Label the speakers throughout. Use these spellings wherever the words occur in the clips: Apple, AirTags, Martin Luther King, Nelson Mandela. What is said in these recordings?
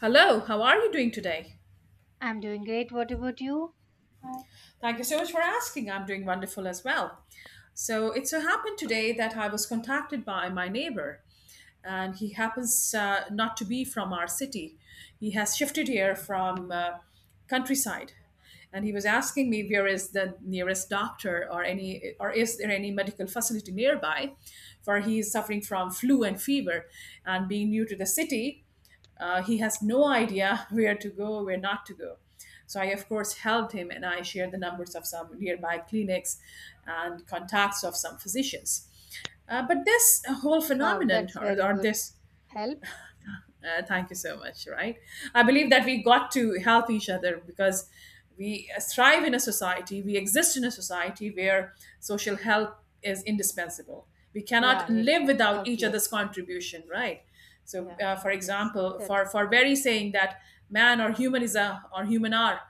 Speaker 1: Hello, how are you doing today?
Speaker 2: I'm doing great. What about you? Hi.
Speaker 1: Thank you so much for asking. I'm doing wonderful as well. So it so happened today that I was contacted by my neighbor, and he happens not to be from our city. He has shifted here from countryside, and he was asking me where is the nearest doctor or any or is there any medical facility nearby, for he is suffering from flu and fever, and being new to the city. He has no idea where to go, where not to go. So I, of course, helped him and I shared the numbers of some nearby clinics and contacts of some physicians. But this whole
Speaker 2: Wow,
Speaker 1: phenomenon,
Speaker 2: that's
Speaker 1: or,
Speaker 2: very
Speaker 1: or
Speaker 2: good
Speaker 1: this
Speaker 2: help.
Speaker 1: thank you so much. Right. I believe that we got to help each other because we thrive in a society, we exist in a society where social help is indispensable. We
Speaker 2: Yeah,
Speaker 1: cannot live
Speaker 2: exactly.
Speaker 1: without each other's
Speaker 2: Obviously.
Speaker 1: contribution, right? So,
Speaker 2: Yeah,
Speaker 1: for
Speaker 2: obviously.
Speaker 1: example,
Speaker 2: That
Speaker 1: for,
Speaker 2: is
Speaker 1: for very
Speaker 2: great.
Speaker 1: saying that man or human is a, or human are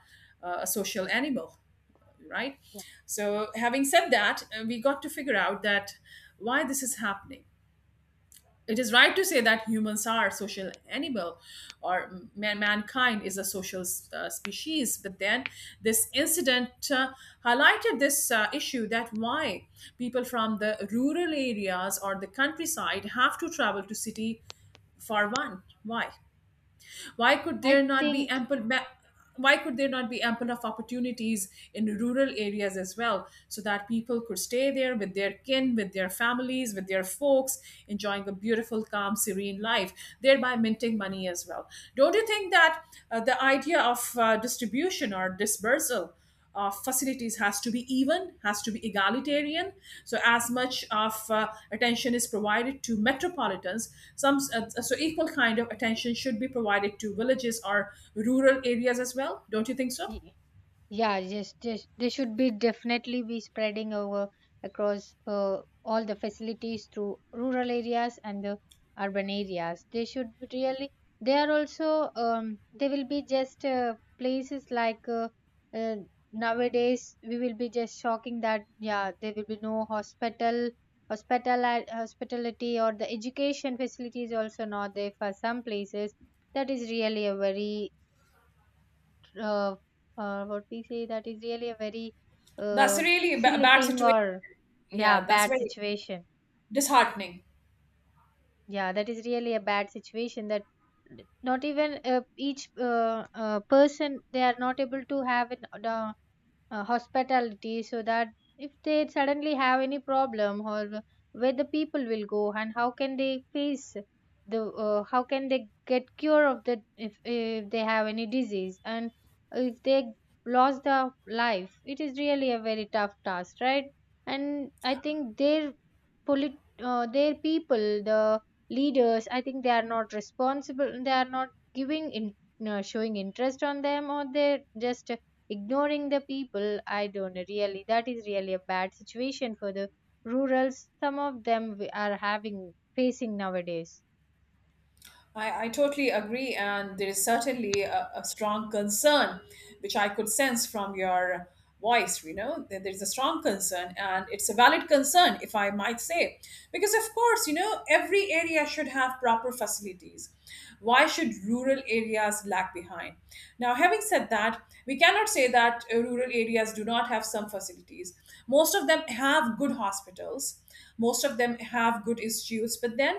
Speaker 1: a social animal, right?
Speaker 2: Yeah.
Speaker 1: So, having said that, we got to figure out that why this is happening. It is right to say that humans are social animal or mankind is a social species, but then this incident highlighted this issue that why people from the rural areas or the countryside have to travel to city. For one, why could there
Speaker 2: I
Speaker 1: not be
Speaker 2: think
Speaker 1: ample ma- why could there not be ample of opportunities in rural areas as well, so that people could stay there with their kin, with their families, with their folks, enjoying a beautiful calm serene life, thereby minting money as well? Don't you think that the idea of distribution or dispersal of facilities has to be even, has to be egalitarian? So as much of attention is provided to metropolitans, some so equal kind of attention should be provided to villages or rural areas as well. Don't you think so?
Speaker 2: y- yeah, yes, yes, they should be definitely be spreading over across all the facilities through rural areas and the urban areas. They should be really. They are also. They will be just places like uh, nowadays. We will be just shocking that yeah, there will be no hospital, hospital hospitality or the education facilities also not there for some places. That is really a very uh, what we say that is really a very
Speaker 1: That's
Speaker 2: uh,
Speaker 1: really a
Speaker 2: silly
Speaker 1: bad
Speaker 2: thing
Speaker 1: situation.
Speaker 2: or yeah
Speaker 1: Yeah, that's
Speaker 2: bad
Speaker 1: very
Speaker 2: situation.
Speaker 1: disheartening.
Speaker 2: Yeah, that is really a bad situation that not even each person they are not able to have an hospitality so that if they suddenly have any problem or where the people will go and how can they face the how can they get cure of that if they have any disease, and if they lost the life it is really a very tough task, right? And I think polit their people, the leaders, I think they are not responsible, they are not giving in, showing interest on them, or they just ignoring the people. I don't know, really that is really a bad situation for the rurals some of them we are having facing nowadays.
Speaker 1: I totally agree, and there is certainly a strong concern, which I could sense from your voice. You know, that there's a strong concern, and it's a valid concern, if I might say, because of course, you know, every area should have proper facilities. Why should rural areas lag behind? Now, having said that, we cannot say that rural areas do not have some facilities. Most of them have good hospitals, most of them have good institutes, but then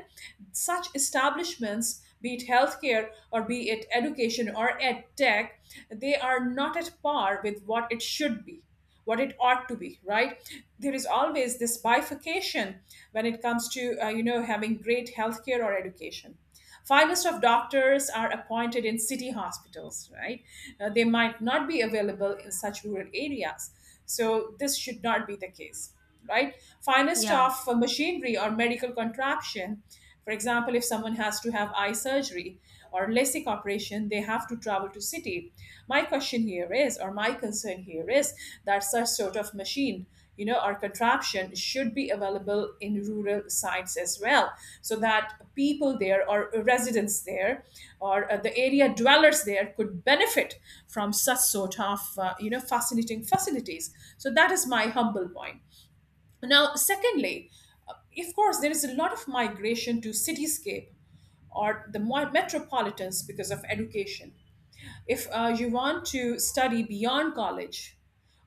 Speaker 1: such establishments, be it healthcare or be it education or ed tech, they are not at par with what it should be, what it ought to be, right? There is always this bifurcation when it comes to, you know, having great healthcare or education. Finest of doctors are appointed in city hospitals, right? They might not be available in such rural areas, so this should not be the case, right? Finest
Speaker 2: Yeah.
Speaker 1: of machinery or medical contraption. For example, if someone has to have eye surgery or LASIK operation, they have to travel to city. My question here is, or my concern here is, that such sort of machine, you know, or contraption should be available in rural sites as well, so that people there or residents there or the area dwellers there could benefit from such sort of, you know, fascinating facilities. So that is my humble point. Now, secondly, uh, of course, there is a lot of migration to cityscape or the metropolitans because of education. If you want to study beyond college,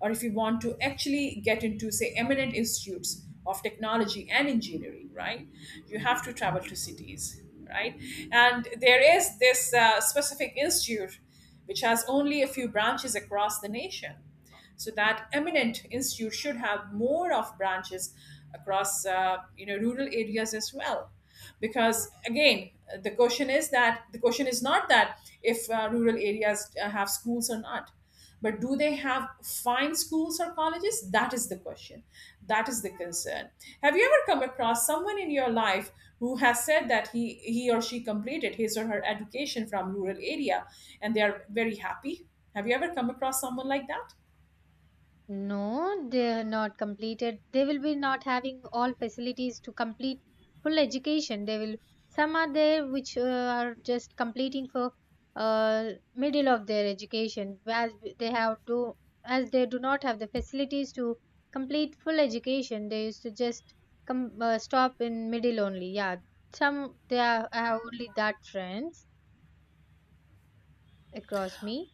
Speaker 1: or if you want to actually get into, say, eminent institutes of technology and engineering, right, you have to travel to cities, right? And there is this specific institute which has only a few branches across the nation, so that eminent institute should have more of branches across, you know, rural areas as well, because again the question is that the question is not that if rural areas have schools or not, but do they have fine schools or colleges? That is the question, that is the concern. Have you ever come across someone in your life who has said that he or she completed his or her education from rural area, and they are very happy? Have you ever come across someone like that?
Speaker 2: No, they're not completed. They will be not having all facilities to complete full education. They will some are there which are just completing for middle of their education, as they have do as they do not have the facilities to complete full education. They used to just come stop in middle only. Yeah, some they are I have only that friends across me.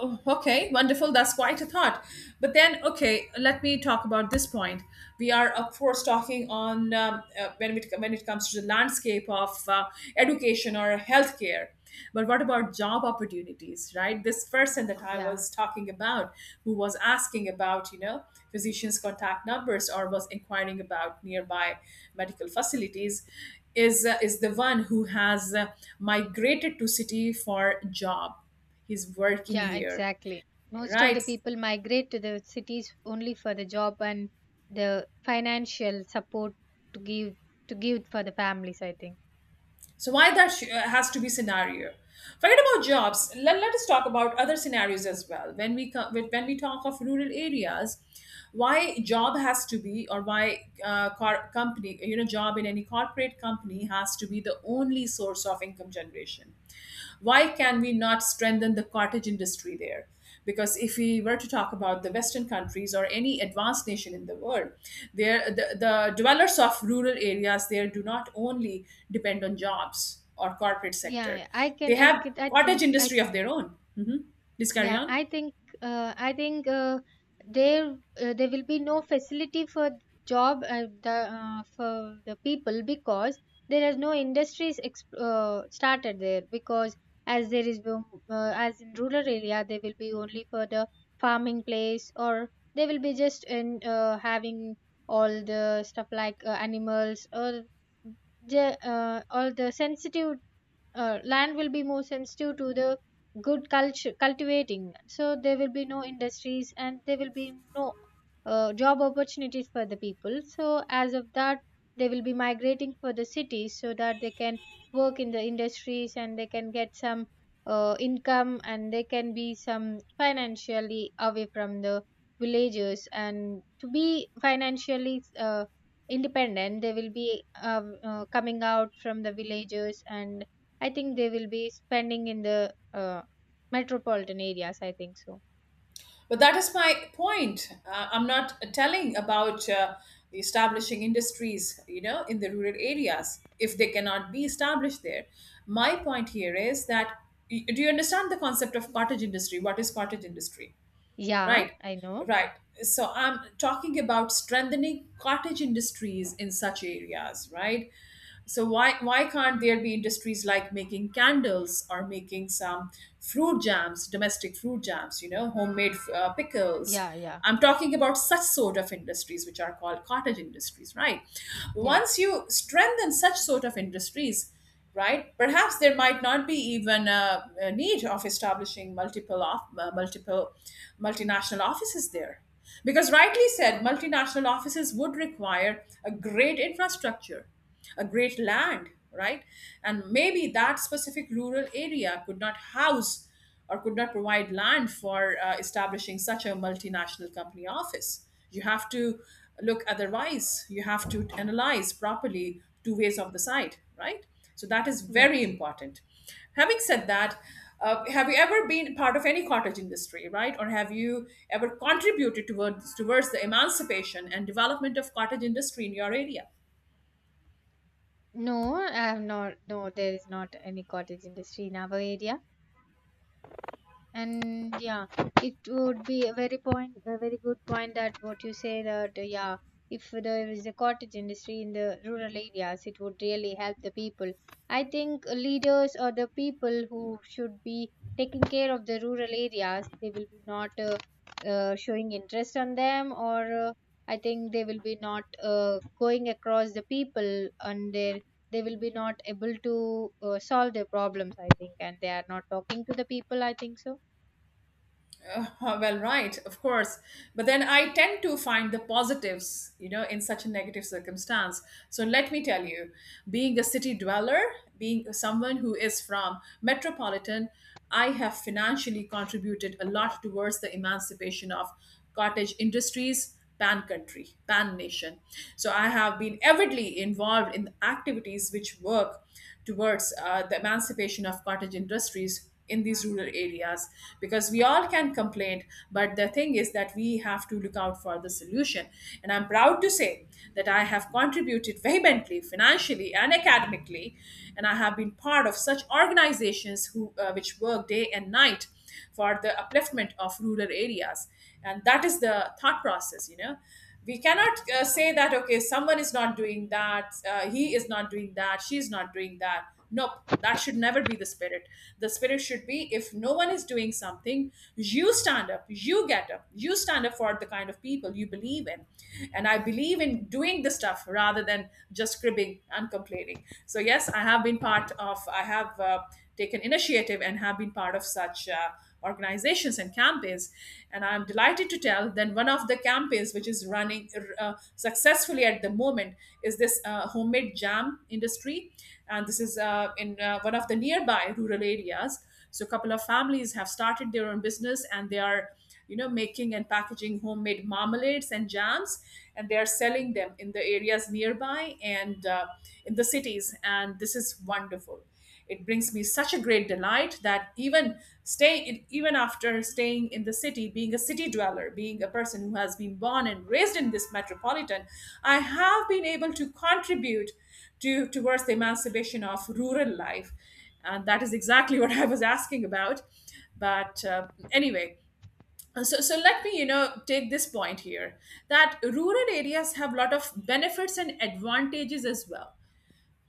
Speaker 1: Oh, okay, wonderful. That's quite a thought. But then, okay, let me talk about this point. We are, of course, talking on when it comes to the landscape of education or healthcare. But what about job opportunities, right? This person that I
Speaker 2: Yeah.
Speaker 1: was talking about, who was asking about, you know, physicians' contact numbers or was inquiring about nearby medical facilities, is the one who has migrated to city for job. He's working
Speaker 2: Yeah,
Speaker 1: here,
Speaker 2: exactly. Most of the
Speaker 1: right.
Speaker 2: people migrate to the cities only for the job, and the financial support to give to give for the families, I think.
Speaker 1: So why that has to be scenario? Forget about jobs. Let us talk about other scenarios as well. When we when we talk of rural areas, why job has to be, or why company, you know, job in any corporate company has to be the only source of income generation? Why can we not strengthen the cottage industry there? Because if we were to talk about the Western countries or any advanced nation in the world, there the dwellers of rural areas there do not only depend on jobs or corporate sector;
Speaker 2: Yeah, I
Speaker 1: they
Speaker 2: can I
Speaker 1: have
Speaker 2: could I
Speaker 1: cottage
Speaker 2: think
Speaker 1: industry of their own. Hmm. Please carry
Speaker 2: yeah,
Speaker 1: on.
Speaker 2: I think uh, I think uh, there will be no facility for job, the for the people because there is no industries started there because as in rural area there will be only for the farming place, or they will be just in having all the stuff like animals, or the all the sensitive land will be more sensitive to the good culture cultivating, so there will be no industries and there will be no job opportunities for the people, so as of that they will be migrating for the cities so that they can work in the industries and they can get some income, and they can be some financially away from the villages, and to be financially independent they will be coming out from the villages, and I think they will be spending in the metropolitan areas. I think so.
Speaker 1: But that is my point. I'm not telling about establishing industries, you know, in the rural areas if they cannot be established there. My point here is that, do you understand the concept of cottage industry? What is cottage industry?
Speaker 2: Yeah,
Speaker 1: Right,
Speaker 2: I know.
Speaker 1: right. So I'm talking about strengthening cottage industries in such areas, right? So why can't there be industries like making candles or making some fruit jams, domestic fruit jams, you know, homemade pickles?
Speaker 2: Yeah, yeah,
Speaker 1: I'm talking about such sort of industries which are called cottage industries, right?
Speaker 2: yeah.
Speaker 1: Once you strengthen such sort of industries, right? Perhaps there might not be even a need of establishing multiple multinational offices there, because rightly said, multinational offices would require a great infrastructure, a great land, right? And maybe that specific rural area could not house or could not provide land for establishing such a multinational company office. You have to look otherwise. You have to analyze properly two ways of the site, right? So that is very
Speaker 2: Yes.
Speaker 1: important. Having said that, have you ever been part of any cottage industry, right? Or have you ever contributed towards the emancipation and development of cottage industry in your area?
Speaker 2: No, I have not. No, there is not any cottage industry in our area. And yeah, it would be a very point, a very good point that what you say that yeah, if there is a cottage industry in the rural areas, it would really help the people. I think leaders or the people who should be taking care of the rural areas, they will be not showing interest on them, or I think they will be not going across the people, and their they will be not able to solve their problems. I think, and they are not talking to the people. I think so.
Speaker 1: Well, right, of course. But then I tend to find the positives, you know, in such a negative circumstance. So let me tell you, being a city dweller, being someone who is from metropolitan, I have financially contributed a lot towards the emancipation of cottage industries pan country, pan nation. So I have been avidly involved in activities which work towards the emancipation of cottage industries in these rural areas, because we all can complain, but the thing is that we have to look out for the solution. And I'm proud to say that I have contributed vehemently, financially and academically, and I have been part of such organizations who which work day and night for the upliftment of rural areas. And that is the thought process, you know. We cannot say that okay, someone is not doing that, he is not doing that, she is not doing that. Nope. That should never be the spirit. The spirit should be, if no one is doing something, you stand up, you get up, you stand up for the kind of people you believe in. And I believe in doing the stuff rather than just cribbing and complaining. So yes, I have been part of, I have taken initiative and have been part of such organizations and campaigns. And I'm delighted to tell that one of the campaigns which is running successfully at the moment is this homemade jam industry. And this is in one of the nearby rural areas. So a couple of families have started their own business, and they are, you know, making and packaging homemade marmalades and jams, and they are selling them in the areas nearby and, in the cities, and this is wonderful. It brings me such a great delight that even staying, even after staying in the city, being a city dweller, being a person who has been born and raised in this metropolitan, I have been able to contribute to towards the emancipation of rural life, and that is exactly what I was asking about. But anyway, so let me take this point here that rural areas have a lot of benefits and advantages as well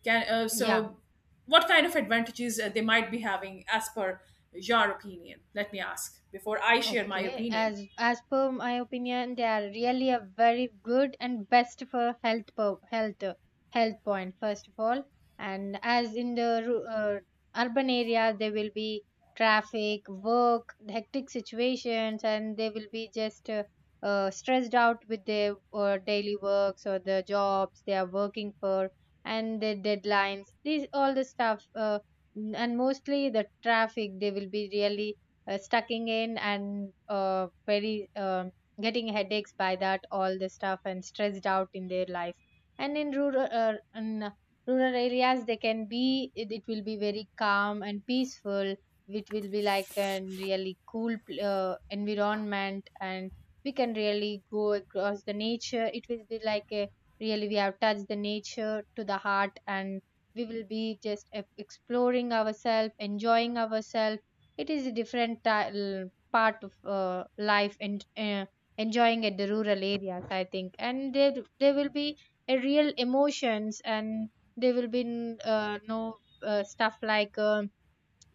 Speaker 1: can
Speaker 2: Yeah,
Speaker 1: what kind of advantages they might be having as per your opinion? Let me ask before I share my
Speaker 2: okay.
Speaker 1: opinion.
Speaker 2: As per my opinion, they are really a very good and best for health per, health point first of all. And as in the urban area, there will be traffic, work, hectic situations, and they will be just stressed out with their daily works or the jobs they are working for, and the deadlines. These all the stuff. And mostly the traffic they will be really stucking in, and very getting headaches by that all the stuff, and stressed out in their life. And in rural areas they can be it will be very calm and peaceful, which will be like a really cool environment, and we can really go across the nature, it will be like a really we have touched the nature to the heart, and we will be just exploring ourselves enjoying ourselves, it is a different part of life, and enjoying at the rural areas, I think. And there will be a real emotions, and there will be no stuff like.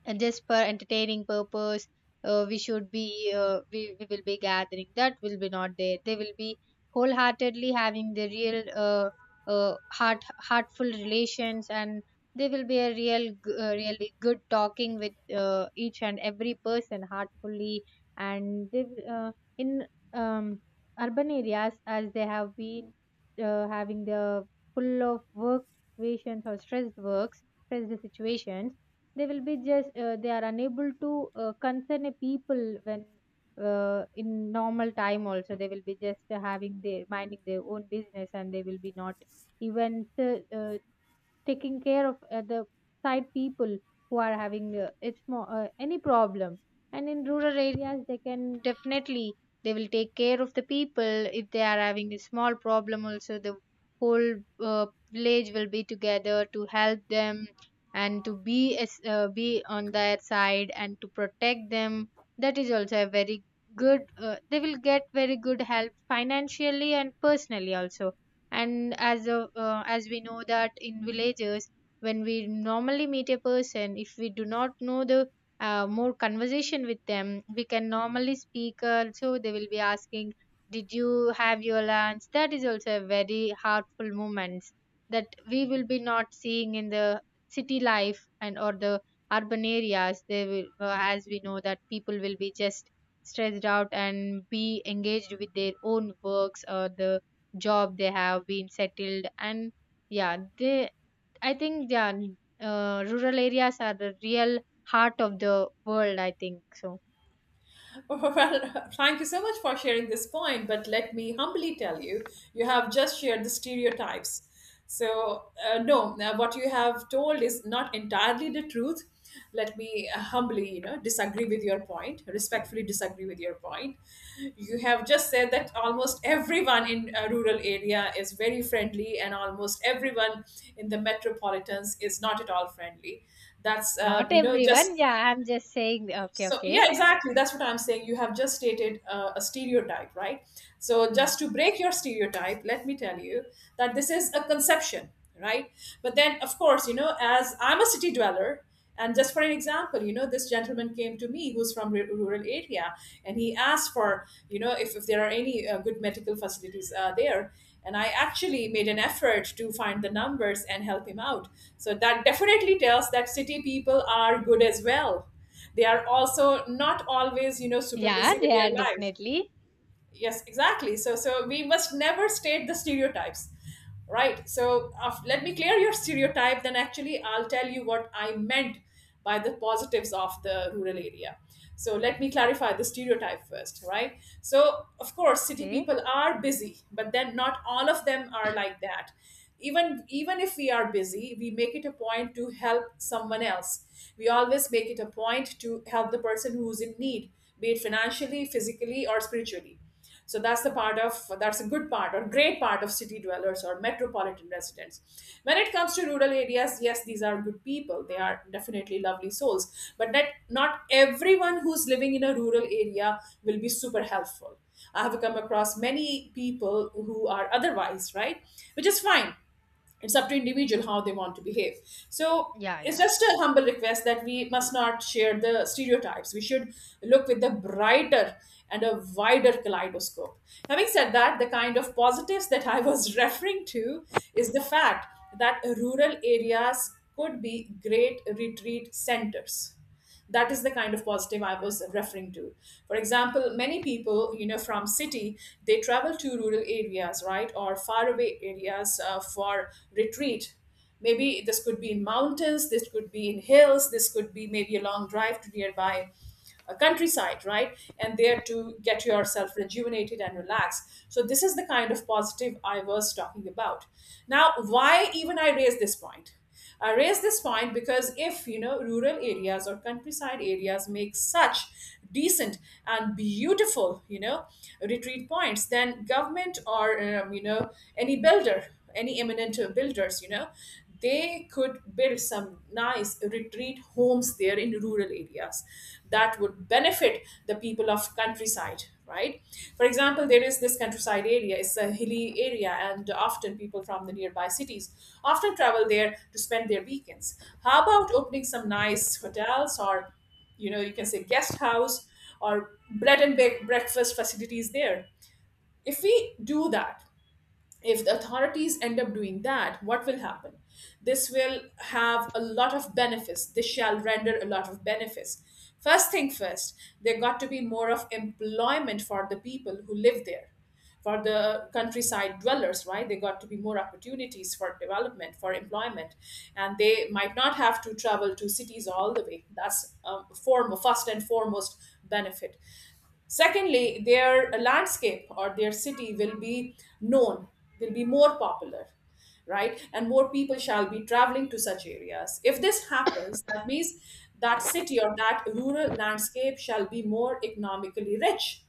Speaker 2: And just for entertaining purpose, we will be gathering that will be not there, they will be wholeheartedly having the real heart heartful relations, and they will be a real really good talking with each and every person heartfully, and they will, in um, urban areas as they have been having the full of work situations or stressed works stressed situations, they will be just they are unable to concern a people when in normal time also they will be just having their minding their own business, and they will be not even taking care of the side people who are having it's more any problem, and in rural areas they can definitely they will take care of the people, if they are having a small problem also the whole uh, village will be together to help them, and to be be on their side and to protect them, that is also a very good they will get very good help financially and personally also. And as we know that in villages when we normally meet a person, if we do not know the more conversation with them, we can normally speak so they will be asking, did you have your lunch? That is also a very heartful moments that we will be not seeing in the city life, and or the urban areas they will as we know that people will be just stressed out and be engaged with their own works or the job they have been settled. And yeah they I think yeah rural areas are the real heart of the world, I think so.
Speaker 1: Well, thank you so much for sharing this point, but let me humbly tell you, you have just shared the stereotypes. So, no, now what you have told is not entirely the truth. Let me humbly, disagree with your point, respectfully disagree with your point. You have just said that almost everyone in a rural area is very friendly, and almost everyone in the metropolitans is not at all friendly. That's,
Speaker 2: Not
Speaker 1: you know,
Speaker 2: everyone,
Speaker 1: just
Speaker 2: yeah, I'm just saying. Okay,
Speaker 1: so yeah,
Speaker 2: okay.
Speaker 1: exactly, that's what I'm saying. You have just stated a stereotype, right? So
Speaker 2: Yeah,
Speaker 1: just to break your stereotype, let me tell you that this is a conception, right? But then, of course, as I'm a city dweller, and just for an example, this gentleman came to me who's from rural area, and he asked for, if there are any good medical facilities there, and I actually made an effort to find the numbers and help him out. So that definitely tells that city people are good as well. They are also not always, super
Speaker 2: yeah,
Speaker 1: busy with
Speaker 2: they are
Speaker 1: their life.
Speaker 2: definitely.
Speaker 1: Yes, exactly. So we must never state the stereotypes, right? So let me clear your stereotype, then actually I'll tell you what I meant by the positives of the rural area. So let me clarify the stereotype first, right? So of course city
Speaker 2: Okay.
Speaker 1: people are busy, but then not all of them are like that. Even if we are busy, we make it a point to help someone else. We always make it a point to help the person who's in need, be it financially, physically, or spiritually. So that's the part of, that's a good part or great part of city dwellers or metropolitan residents. When it comes to rural areas, yes, these are good people, they are definitely lovely souls. But that not everyone who's living in a rural area will be super helpful. I have come across many people who are otherwise, right? Which is fine. It's up to individual how they want to behave. So
Speaker 2: Yeah,
Speaker 1: it's
Speaker 2: yeah.
Speaker 1: just a humble request that we must not share the stereotypes. We should look with a brighter and a wider kaleidoscope. Having said that, the kind of positives that I was referring to is the fact that rural areas could be great retreat centers. That is the kind of positive I was referring to. For example, many people, from city, they travel to rural areas, right, or faraway areas for retreat. Maybe this could be in mountains, this could be in hills, this could be maybe a long drive to nearby a countryside, right? And there to get yourself rejuvenated and relaxed. So this is the kind of positive I was talking about. Now, why even I raise this point? I raise this point because if you know rural areas or countryside areas make such decent and beautiful, retreat points, then government or any builder, any eminent builders, they could build some nice retreat homes there in rural areas that would benefit the people of countryside, right? For example, there is this countryside area, it's a hilly area, and often people from the nearby cities often travel there to spend their weekends. How about opening some nice hotels or, you can say guest house or bread and bake breakfast facilities there? If we do that, if the authorities end up doing that, what will happen? This will have a lot of benefits. This shall render a lot of benefits. First thing first, there got to be more of employment for the people who live there. For the countryside dwellers, right? They got to be more opportunities for development, for employment, and they might not have to travel to cities all the way. That's a form, first and foremost benefit. Secondly, their landscape or their city will be known, will be more popular, right? And more people shall be traveling to such areas. If this happens, that means that city or that rural landscape shall be more economically rich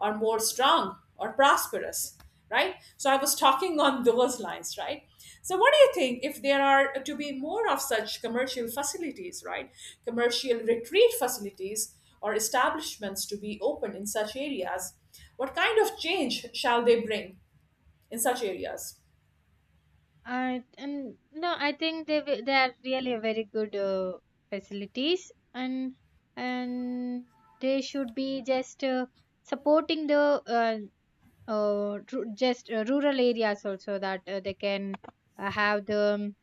Speaker 1: or more strong or prosperous, right? So I was talking on those lines, right? So what do you think if there are to be more of such commercial facilities, right, commercial retreat facilities or establishments to be open in such areas, what kind of change shall they bring in such areas?
Speaker 2: I and no I think they they are really very good facilities, and they should be just supporting the uh, ru- just rural areas also, that they can have the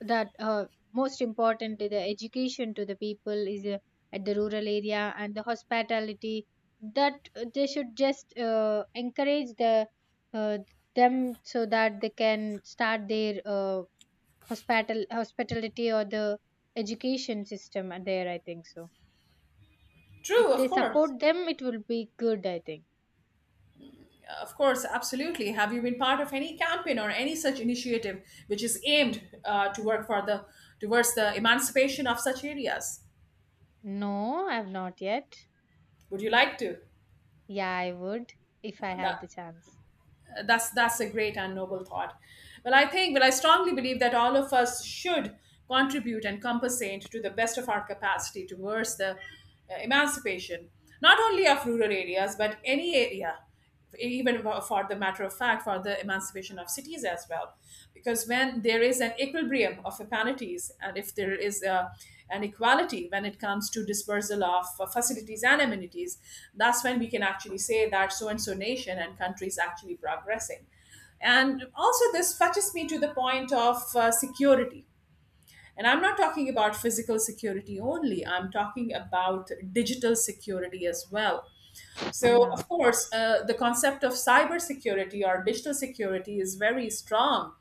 Speaker 2: that most important to the education to the people is at the rural area and the hospitality, that they should just encourage the uh, them so that they can start their uh, hospitality or the education system there, I think so.
Speaker 1: True,
Speaker 2: If
Speaker 1: of
Speaker 2: they
Speaker 1: course.
Speaker 2: support them it will be good, I think.
Speaker 1: Of course, absolutely. Have you been part of any campaign or any such initiative which is aimed to work for the towards the emancipation of such areas?
Speaker 2: No, I've not yet.
Speaker 1: Would you like to?
Speaker 2: Yeah, I would if I have
Speaker 1: That,
Speaker 2: the chance.
Speaker 1: that's a great and noble thought. Well, I think, well, I strongly believe that all of us should contribute and compensate to the best of our capacity towards the emancipation not only of rural areas but any area, even for the matter of fact, for the emancipation of cities as well. Because when there is an equilibrium of amenities, and if there is a, an equality when it comes to dispersal of facilities and amenities, that's when we can actually say that so and so nation and country is actually progressing. And also this fetches me to the point of security. And I'm not talking about physical security only, I'm talking about digital security as well. So,
Speaker 2: Yeah.
Speaker 1: of course, the concept of cybersecurity or digital security is very strong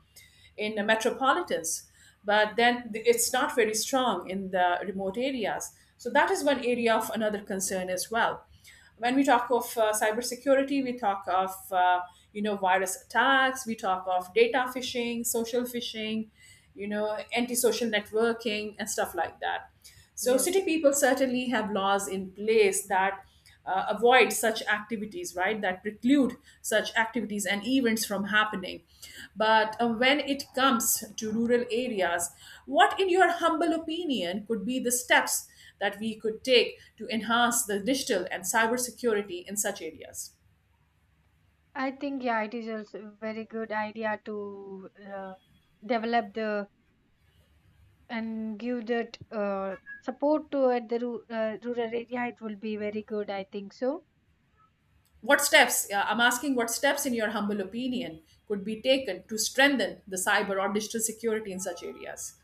Speaker 1: in the metropolitans, but then it's not very strong in the remote areas. So that is one area of another concern as well. When we talk of cybersecurity, we talk of virus attacks, we talk of data phishing, social phishing, antisocial networking, and stuff like that. So city
Speaker 2: Yes.
Speaker 1: people certainly have laws in place that avoid such activities, right? That preclude such activities and events from happening. But when it comes to rural areas, what, in your humble opinion, could be the steps that we could take to enhance the digital and cybersecurity in such areas?
Speaker 2: I think yeah, it is also a very good idea to develop the and give that support to at the rural area. It will be very good, I think so.
Speaker 1: What steps, I'm asking what steps, in your humble opinion, could be taken to strengthen the cyber or digital security in such areas?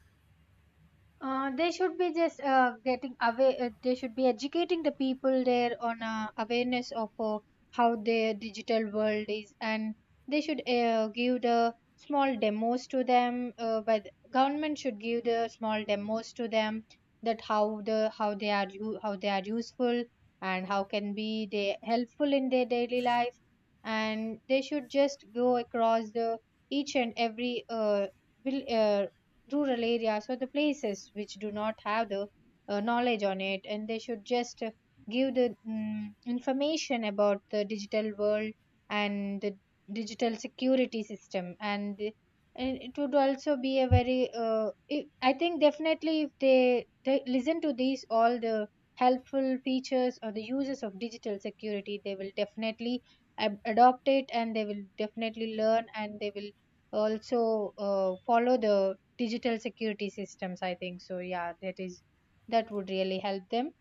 Speaker 2: They should be just getting away. They should be educating the people there on awareness of how their digital world is, and they should give the small demos to them. But government should give the small demos to them, that how the how they are how they are useful and how can be they helpful in their daily life, and they should just go across the each and every vil- uh, rural areas or the places which do not have the knowledge on it, and they should just give the information about the digital world and the digital security system and the-. And it would also be a very I think definitely if they listen to these all the helpful features or the uses of digital security, they will definitely adopt it, and they will definitely learn, and they will also follow the digital security systems, I think so. Yeah, that is that would really help them.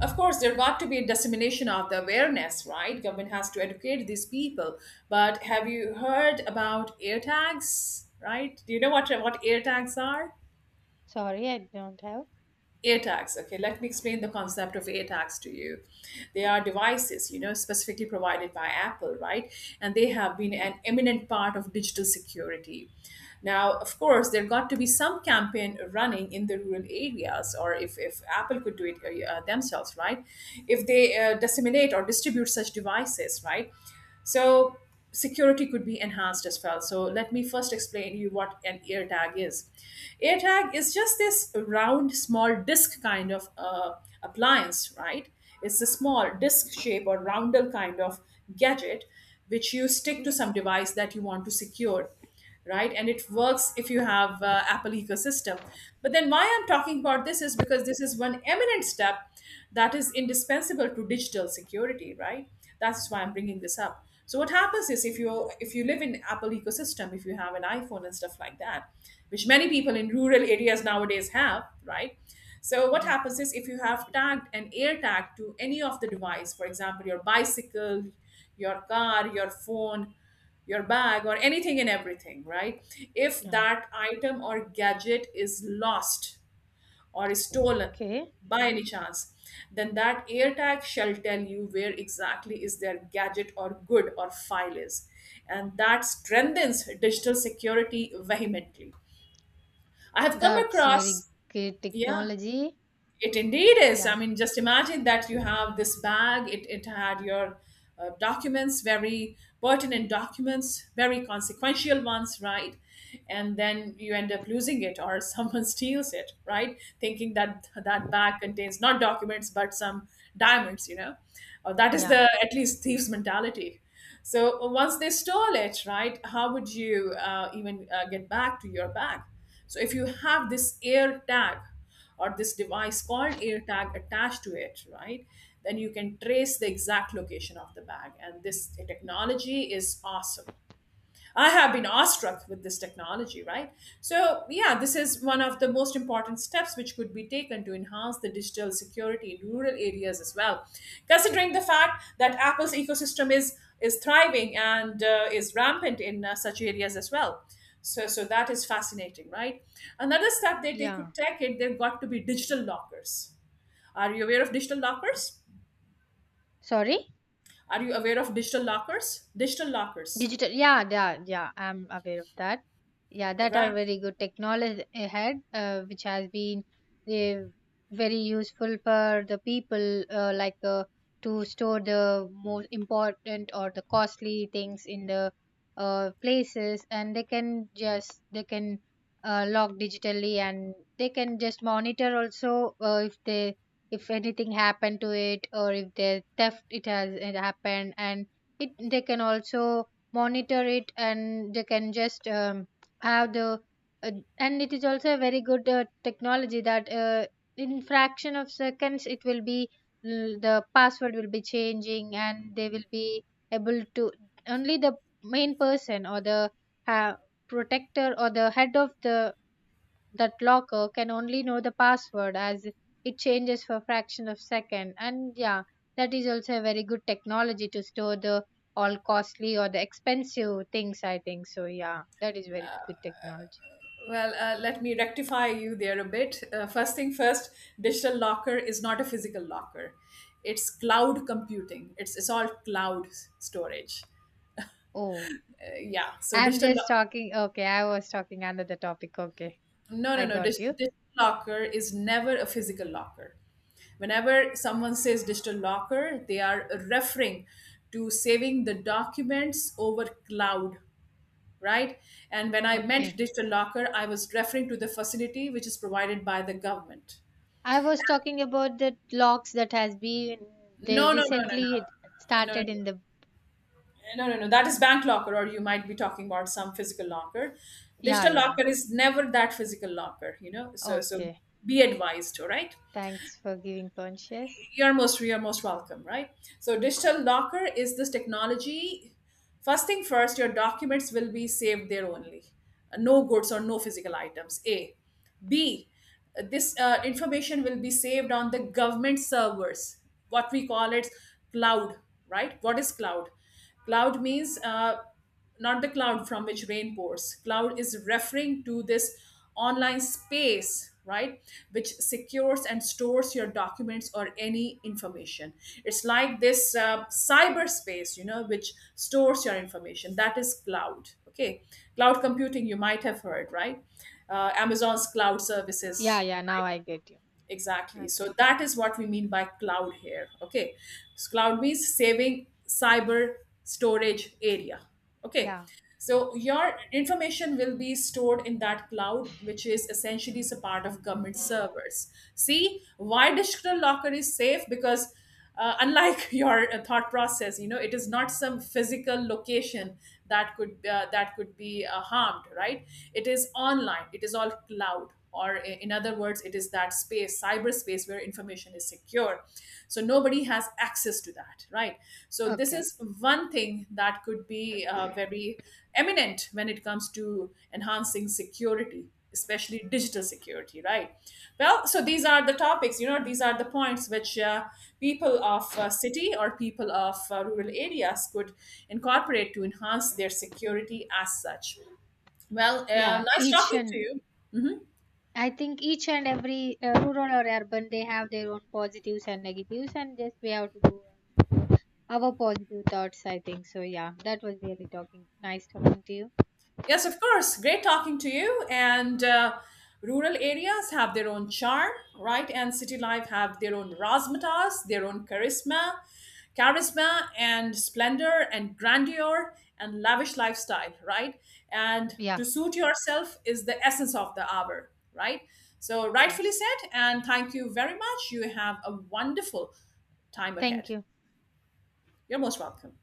Speaker 1: Of course, there got to be a dissemination of the awareness, right? Government has to educate these people. But have you heard about air tags, right? Do you know what air tags are?
Speaker 2: Sorry, I don't have.
Speaker 1: AirTags. Okay, let me explain the concept of AirTags to you. They are devices, specifically provided by Apple, right? And they have been an eminent part of digital security. Now, of course, there got to be some campaign running in the rural areas, or if Apple could do it themselves, right? If they disseminate or distribute such devices, right? So security could be enhanced as well. So let me first explain you what an AirTag is. AirTag is just this round, small disc kind of appliance, right? It's a small disc shape or roundel kind of gadget which you stick to
Speaker 2: Okay.
Speaker 1: some device that you want to secure, right? And it works if you have Apple ecosystem. But then why I'm talking about this is because this is one eminent step that is indispensable to digital security, right? That's why I'm bringing this up. So what happens is if you live in Apple ecosystem, if you have an iPhone and stuff like that, which many people in rural areas nowadays have, right? So what happens is if you have tagged an air tag to any of the device, for example, your bicycle, your car, your phone, your bag, or anything and everything, right? If that item or gadget is lost or is stolen
Speaker 2: Okay.
Speaker 1: by any chance, then that AirTag shall tell you where exactly is their gadget or good or file is. And that strengthens digital security vehemently. I have come
Speaker 2: That's very
Speaker 1: across,
Speaker 2: great
Speaker 1: yeah,
Speaker 2: technology.
Speaker 1: it indeed is. I
Speaker 2: Yeah.
Speaker 1: mean, just imagine that you have this bag. It had your documents, very pertinent documents, very consequential ones, right? And then you end up losing it, or someone steals it, right? Thinking that that bag contains not documents but some diamonds, you know? That is the
Speaker 2: Yeah.
Speaker 1: at least thieves' mentality. So once they stole it, right, how would you even get back to your bag? So if you have this air tag, or this device called AirTag attached to it, right? Then you can trace the exact location of the bag. And this technology is awesome. I have been awestruck with this technology, right? So, yeah, this is one of the most important steps which could be taken to enhance the digital security in rural areas as well. Considering the fact that Apple's ecosystem is thriving and is rampant in such areas as well. So that is fascinating, right? Another step that they could
Speaker 2: Yeah.
Speaker 1: take it, they've got to be digital lockers. Are you aware of digital lockers?
Speaker 2: Sorry?
Speaker 1: Are you aware of digital lockers? Digital lockers,
Speaker 2: Digital, yeah, yeah, yeah. I'm aware of that. Yeah, that
Speaker 1: right?
Speaker 2: are very good technology ahead, which has been uh, very useful for the people, to store the most important or the costly things in the places, and they can log digitally, and they can just monitor also if they if anything happened to it, or if the theft it has it happened, and it they can also monitor it, and they can just have the uh, and it is also a very good technology that in fraction of seconds it will be the password will be changing, and they will be able to only the main person or the uh, protector or the head of the that locker can only know the password, as it changes for a fraction of second. And yeah, that is also a very good technology to store the all costly or the expensive things, I think so. Yeah, that is very good technology.
Speaker 1: Well, let me rectify you there a bit. First thing first, digital locker is not a physical locker. It's cloud computing. It's all storage.
Speaker 2: Oh,
Speaker 1: Yeah. So
Speaker 2: I'm just talking. Okay, I was talking under the topic. Okay,
Speaker 1: no no
Speaker 2: I
Speaker 1: no
Speaker 2: got you.
Speaker 1: digital locker is never a physical locker. Whenever someone says digital locker, they are referring to saving the documents over cloud, right? And when I meant
Speaker 2: Okay,
Speaker 1: digital locker, I was referring to the facility which is provided by the government.
Speaker 2: I was talking about the locks that has been they
Speaker 1: No, no, no, no, no,
Speaker 2: recently
Speaker 1: No, no, no,
Speaker 2: started in the.
Speaker 1: No, no, no. That is bank locker, or you might be talking about some physical locker.
Speaker 2: Yeah,
Speaker 1: Digital
Speaker 2: yeah.
Speaker 1: locker is never that physical locker, you know. So
Speaker 2: Okay.
Speaker 1: be advised, all right?
Speaker 2: Thanks for giving conscious.
Speaker 1: You're most welcome, right? So digital locker is this technology. First thing first, your documents will be saved there only. No goods or no physical items. A, b, this information will be saved on the government servers, what we call it, cloud. Right, what is cloud? Cloud means, not the cloud from which rain pours. Cloud is referring to this online space, right, which secures and stores your documents or any information. It's like this cyberspace, you know, which stores your information. That is cloud. Okay, cloud computing you might have heard, right? Amazon's cloud
Speaker 2: Yeah,
Speaker 1: services.
Speaker 2: yeah, now I get you.
Speaker 1: Exactly. So
Speaker 2: Okay.
Speaker 1: that is what we mean by cloud here. Okay. So cloud means saving cyber storage area. Okay.
Speaker 2: Yeah.
Speaker 1: So your information will be stored in that cloud, which is essentially is a part of government servers. See, why digital locker is safe, because unlike your thought process, you know, it is not some physical location that could be harmed, right? It is online, it is all cloud, or in other words, it is that space, cyberspace, where information is secure. So nobody has access to that, right? So this
Speaker 2: Okay. Okay.
Speaker 1: is one thing that could be very eminent when it comes to enhancing security, especially digital security, right? Well, so these are the topics, you know, these are the points which, people of city or people of rural areas could incorporate to enhance their security as such. Well,
Speaker 2: Yeah,
Speaker 1: nice
Speaker 2: each
Speaker 1: talking to
Speaker 2: and
Speaker 1: you.
Speaker 2: I think each and every rural or urban they have their own positives and negatives, and just we have to do um, our positive thoughts. I think so. Yeah, that was really talking nice talking to you.
Speaker 1: Yes, of course. Great talking to you. And rural areas have their own charm, right? And city life have their own razzmatazz, their own charisma, charisma and splendor and grandeur and lavish lifestyle, right? And to
Speaker 2: Yeah.
Speaker 1: suit yourself is the essence of the hour, right? So rightfully
Speaker 2: Yes.
Speaker 1: said. And thank you very much. You have a wonderful time ahead.
Speaker 2: Thank you.
Speaker 1: You're most welcome.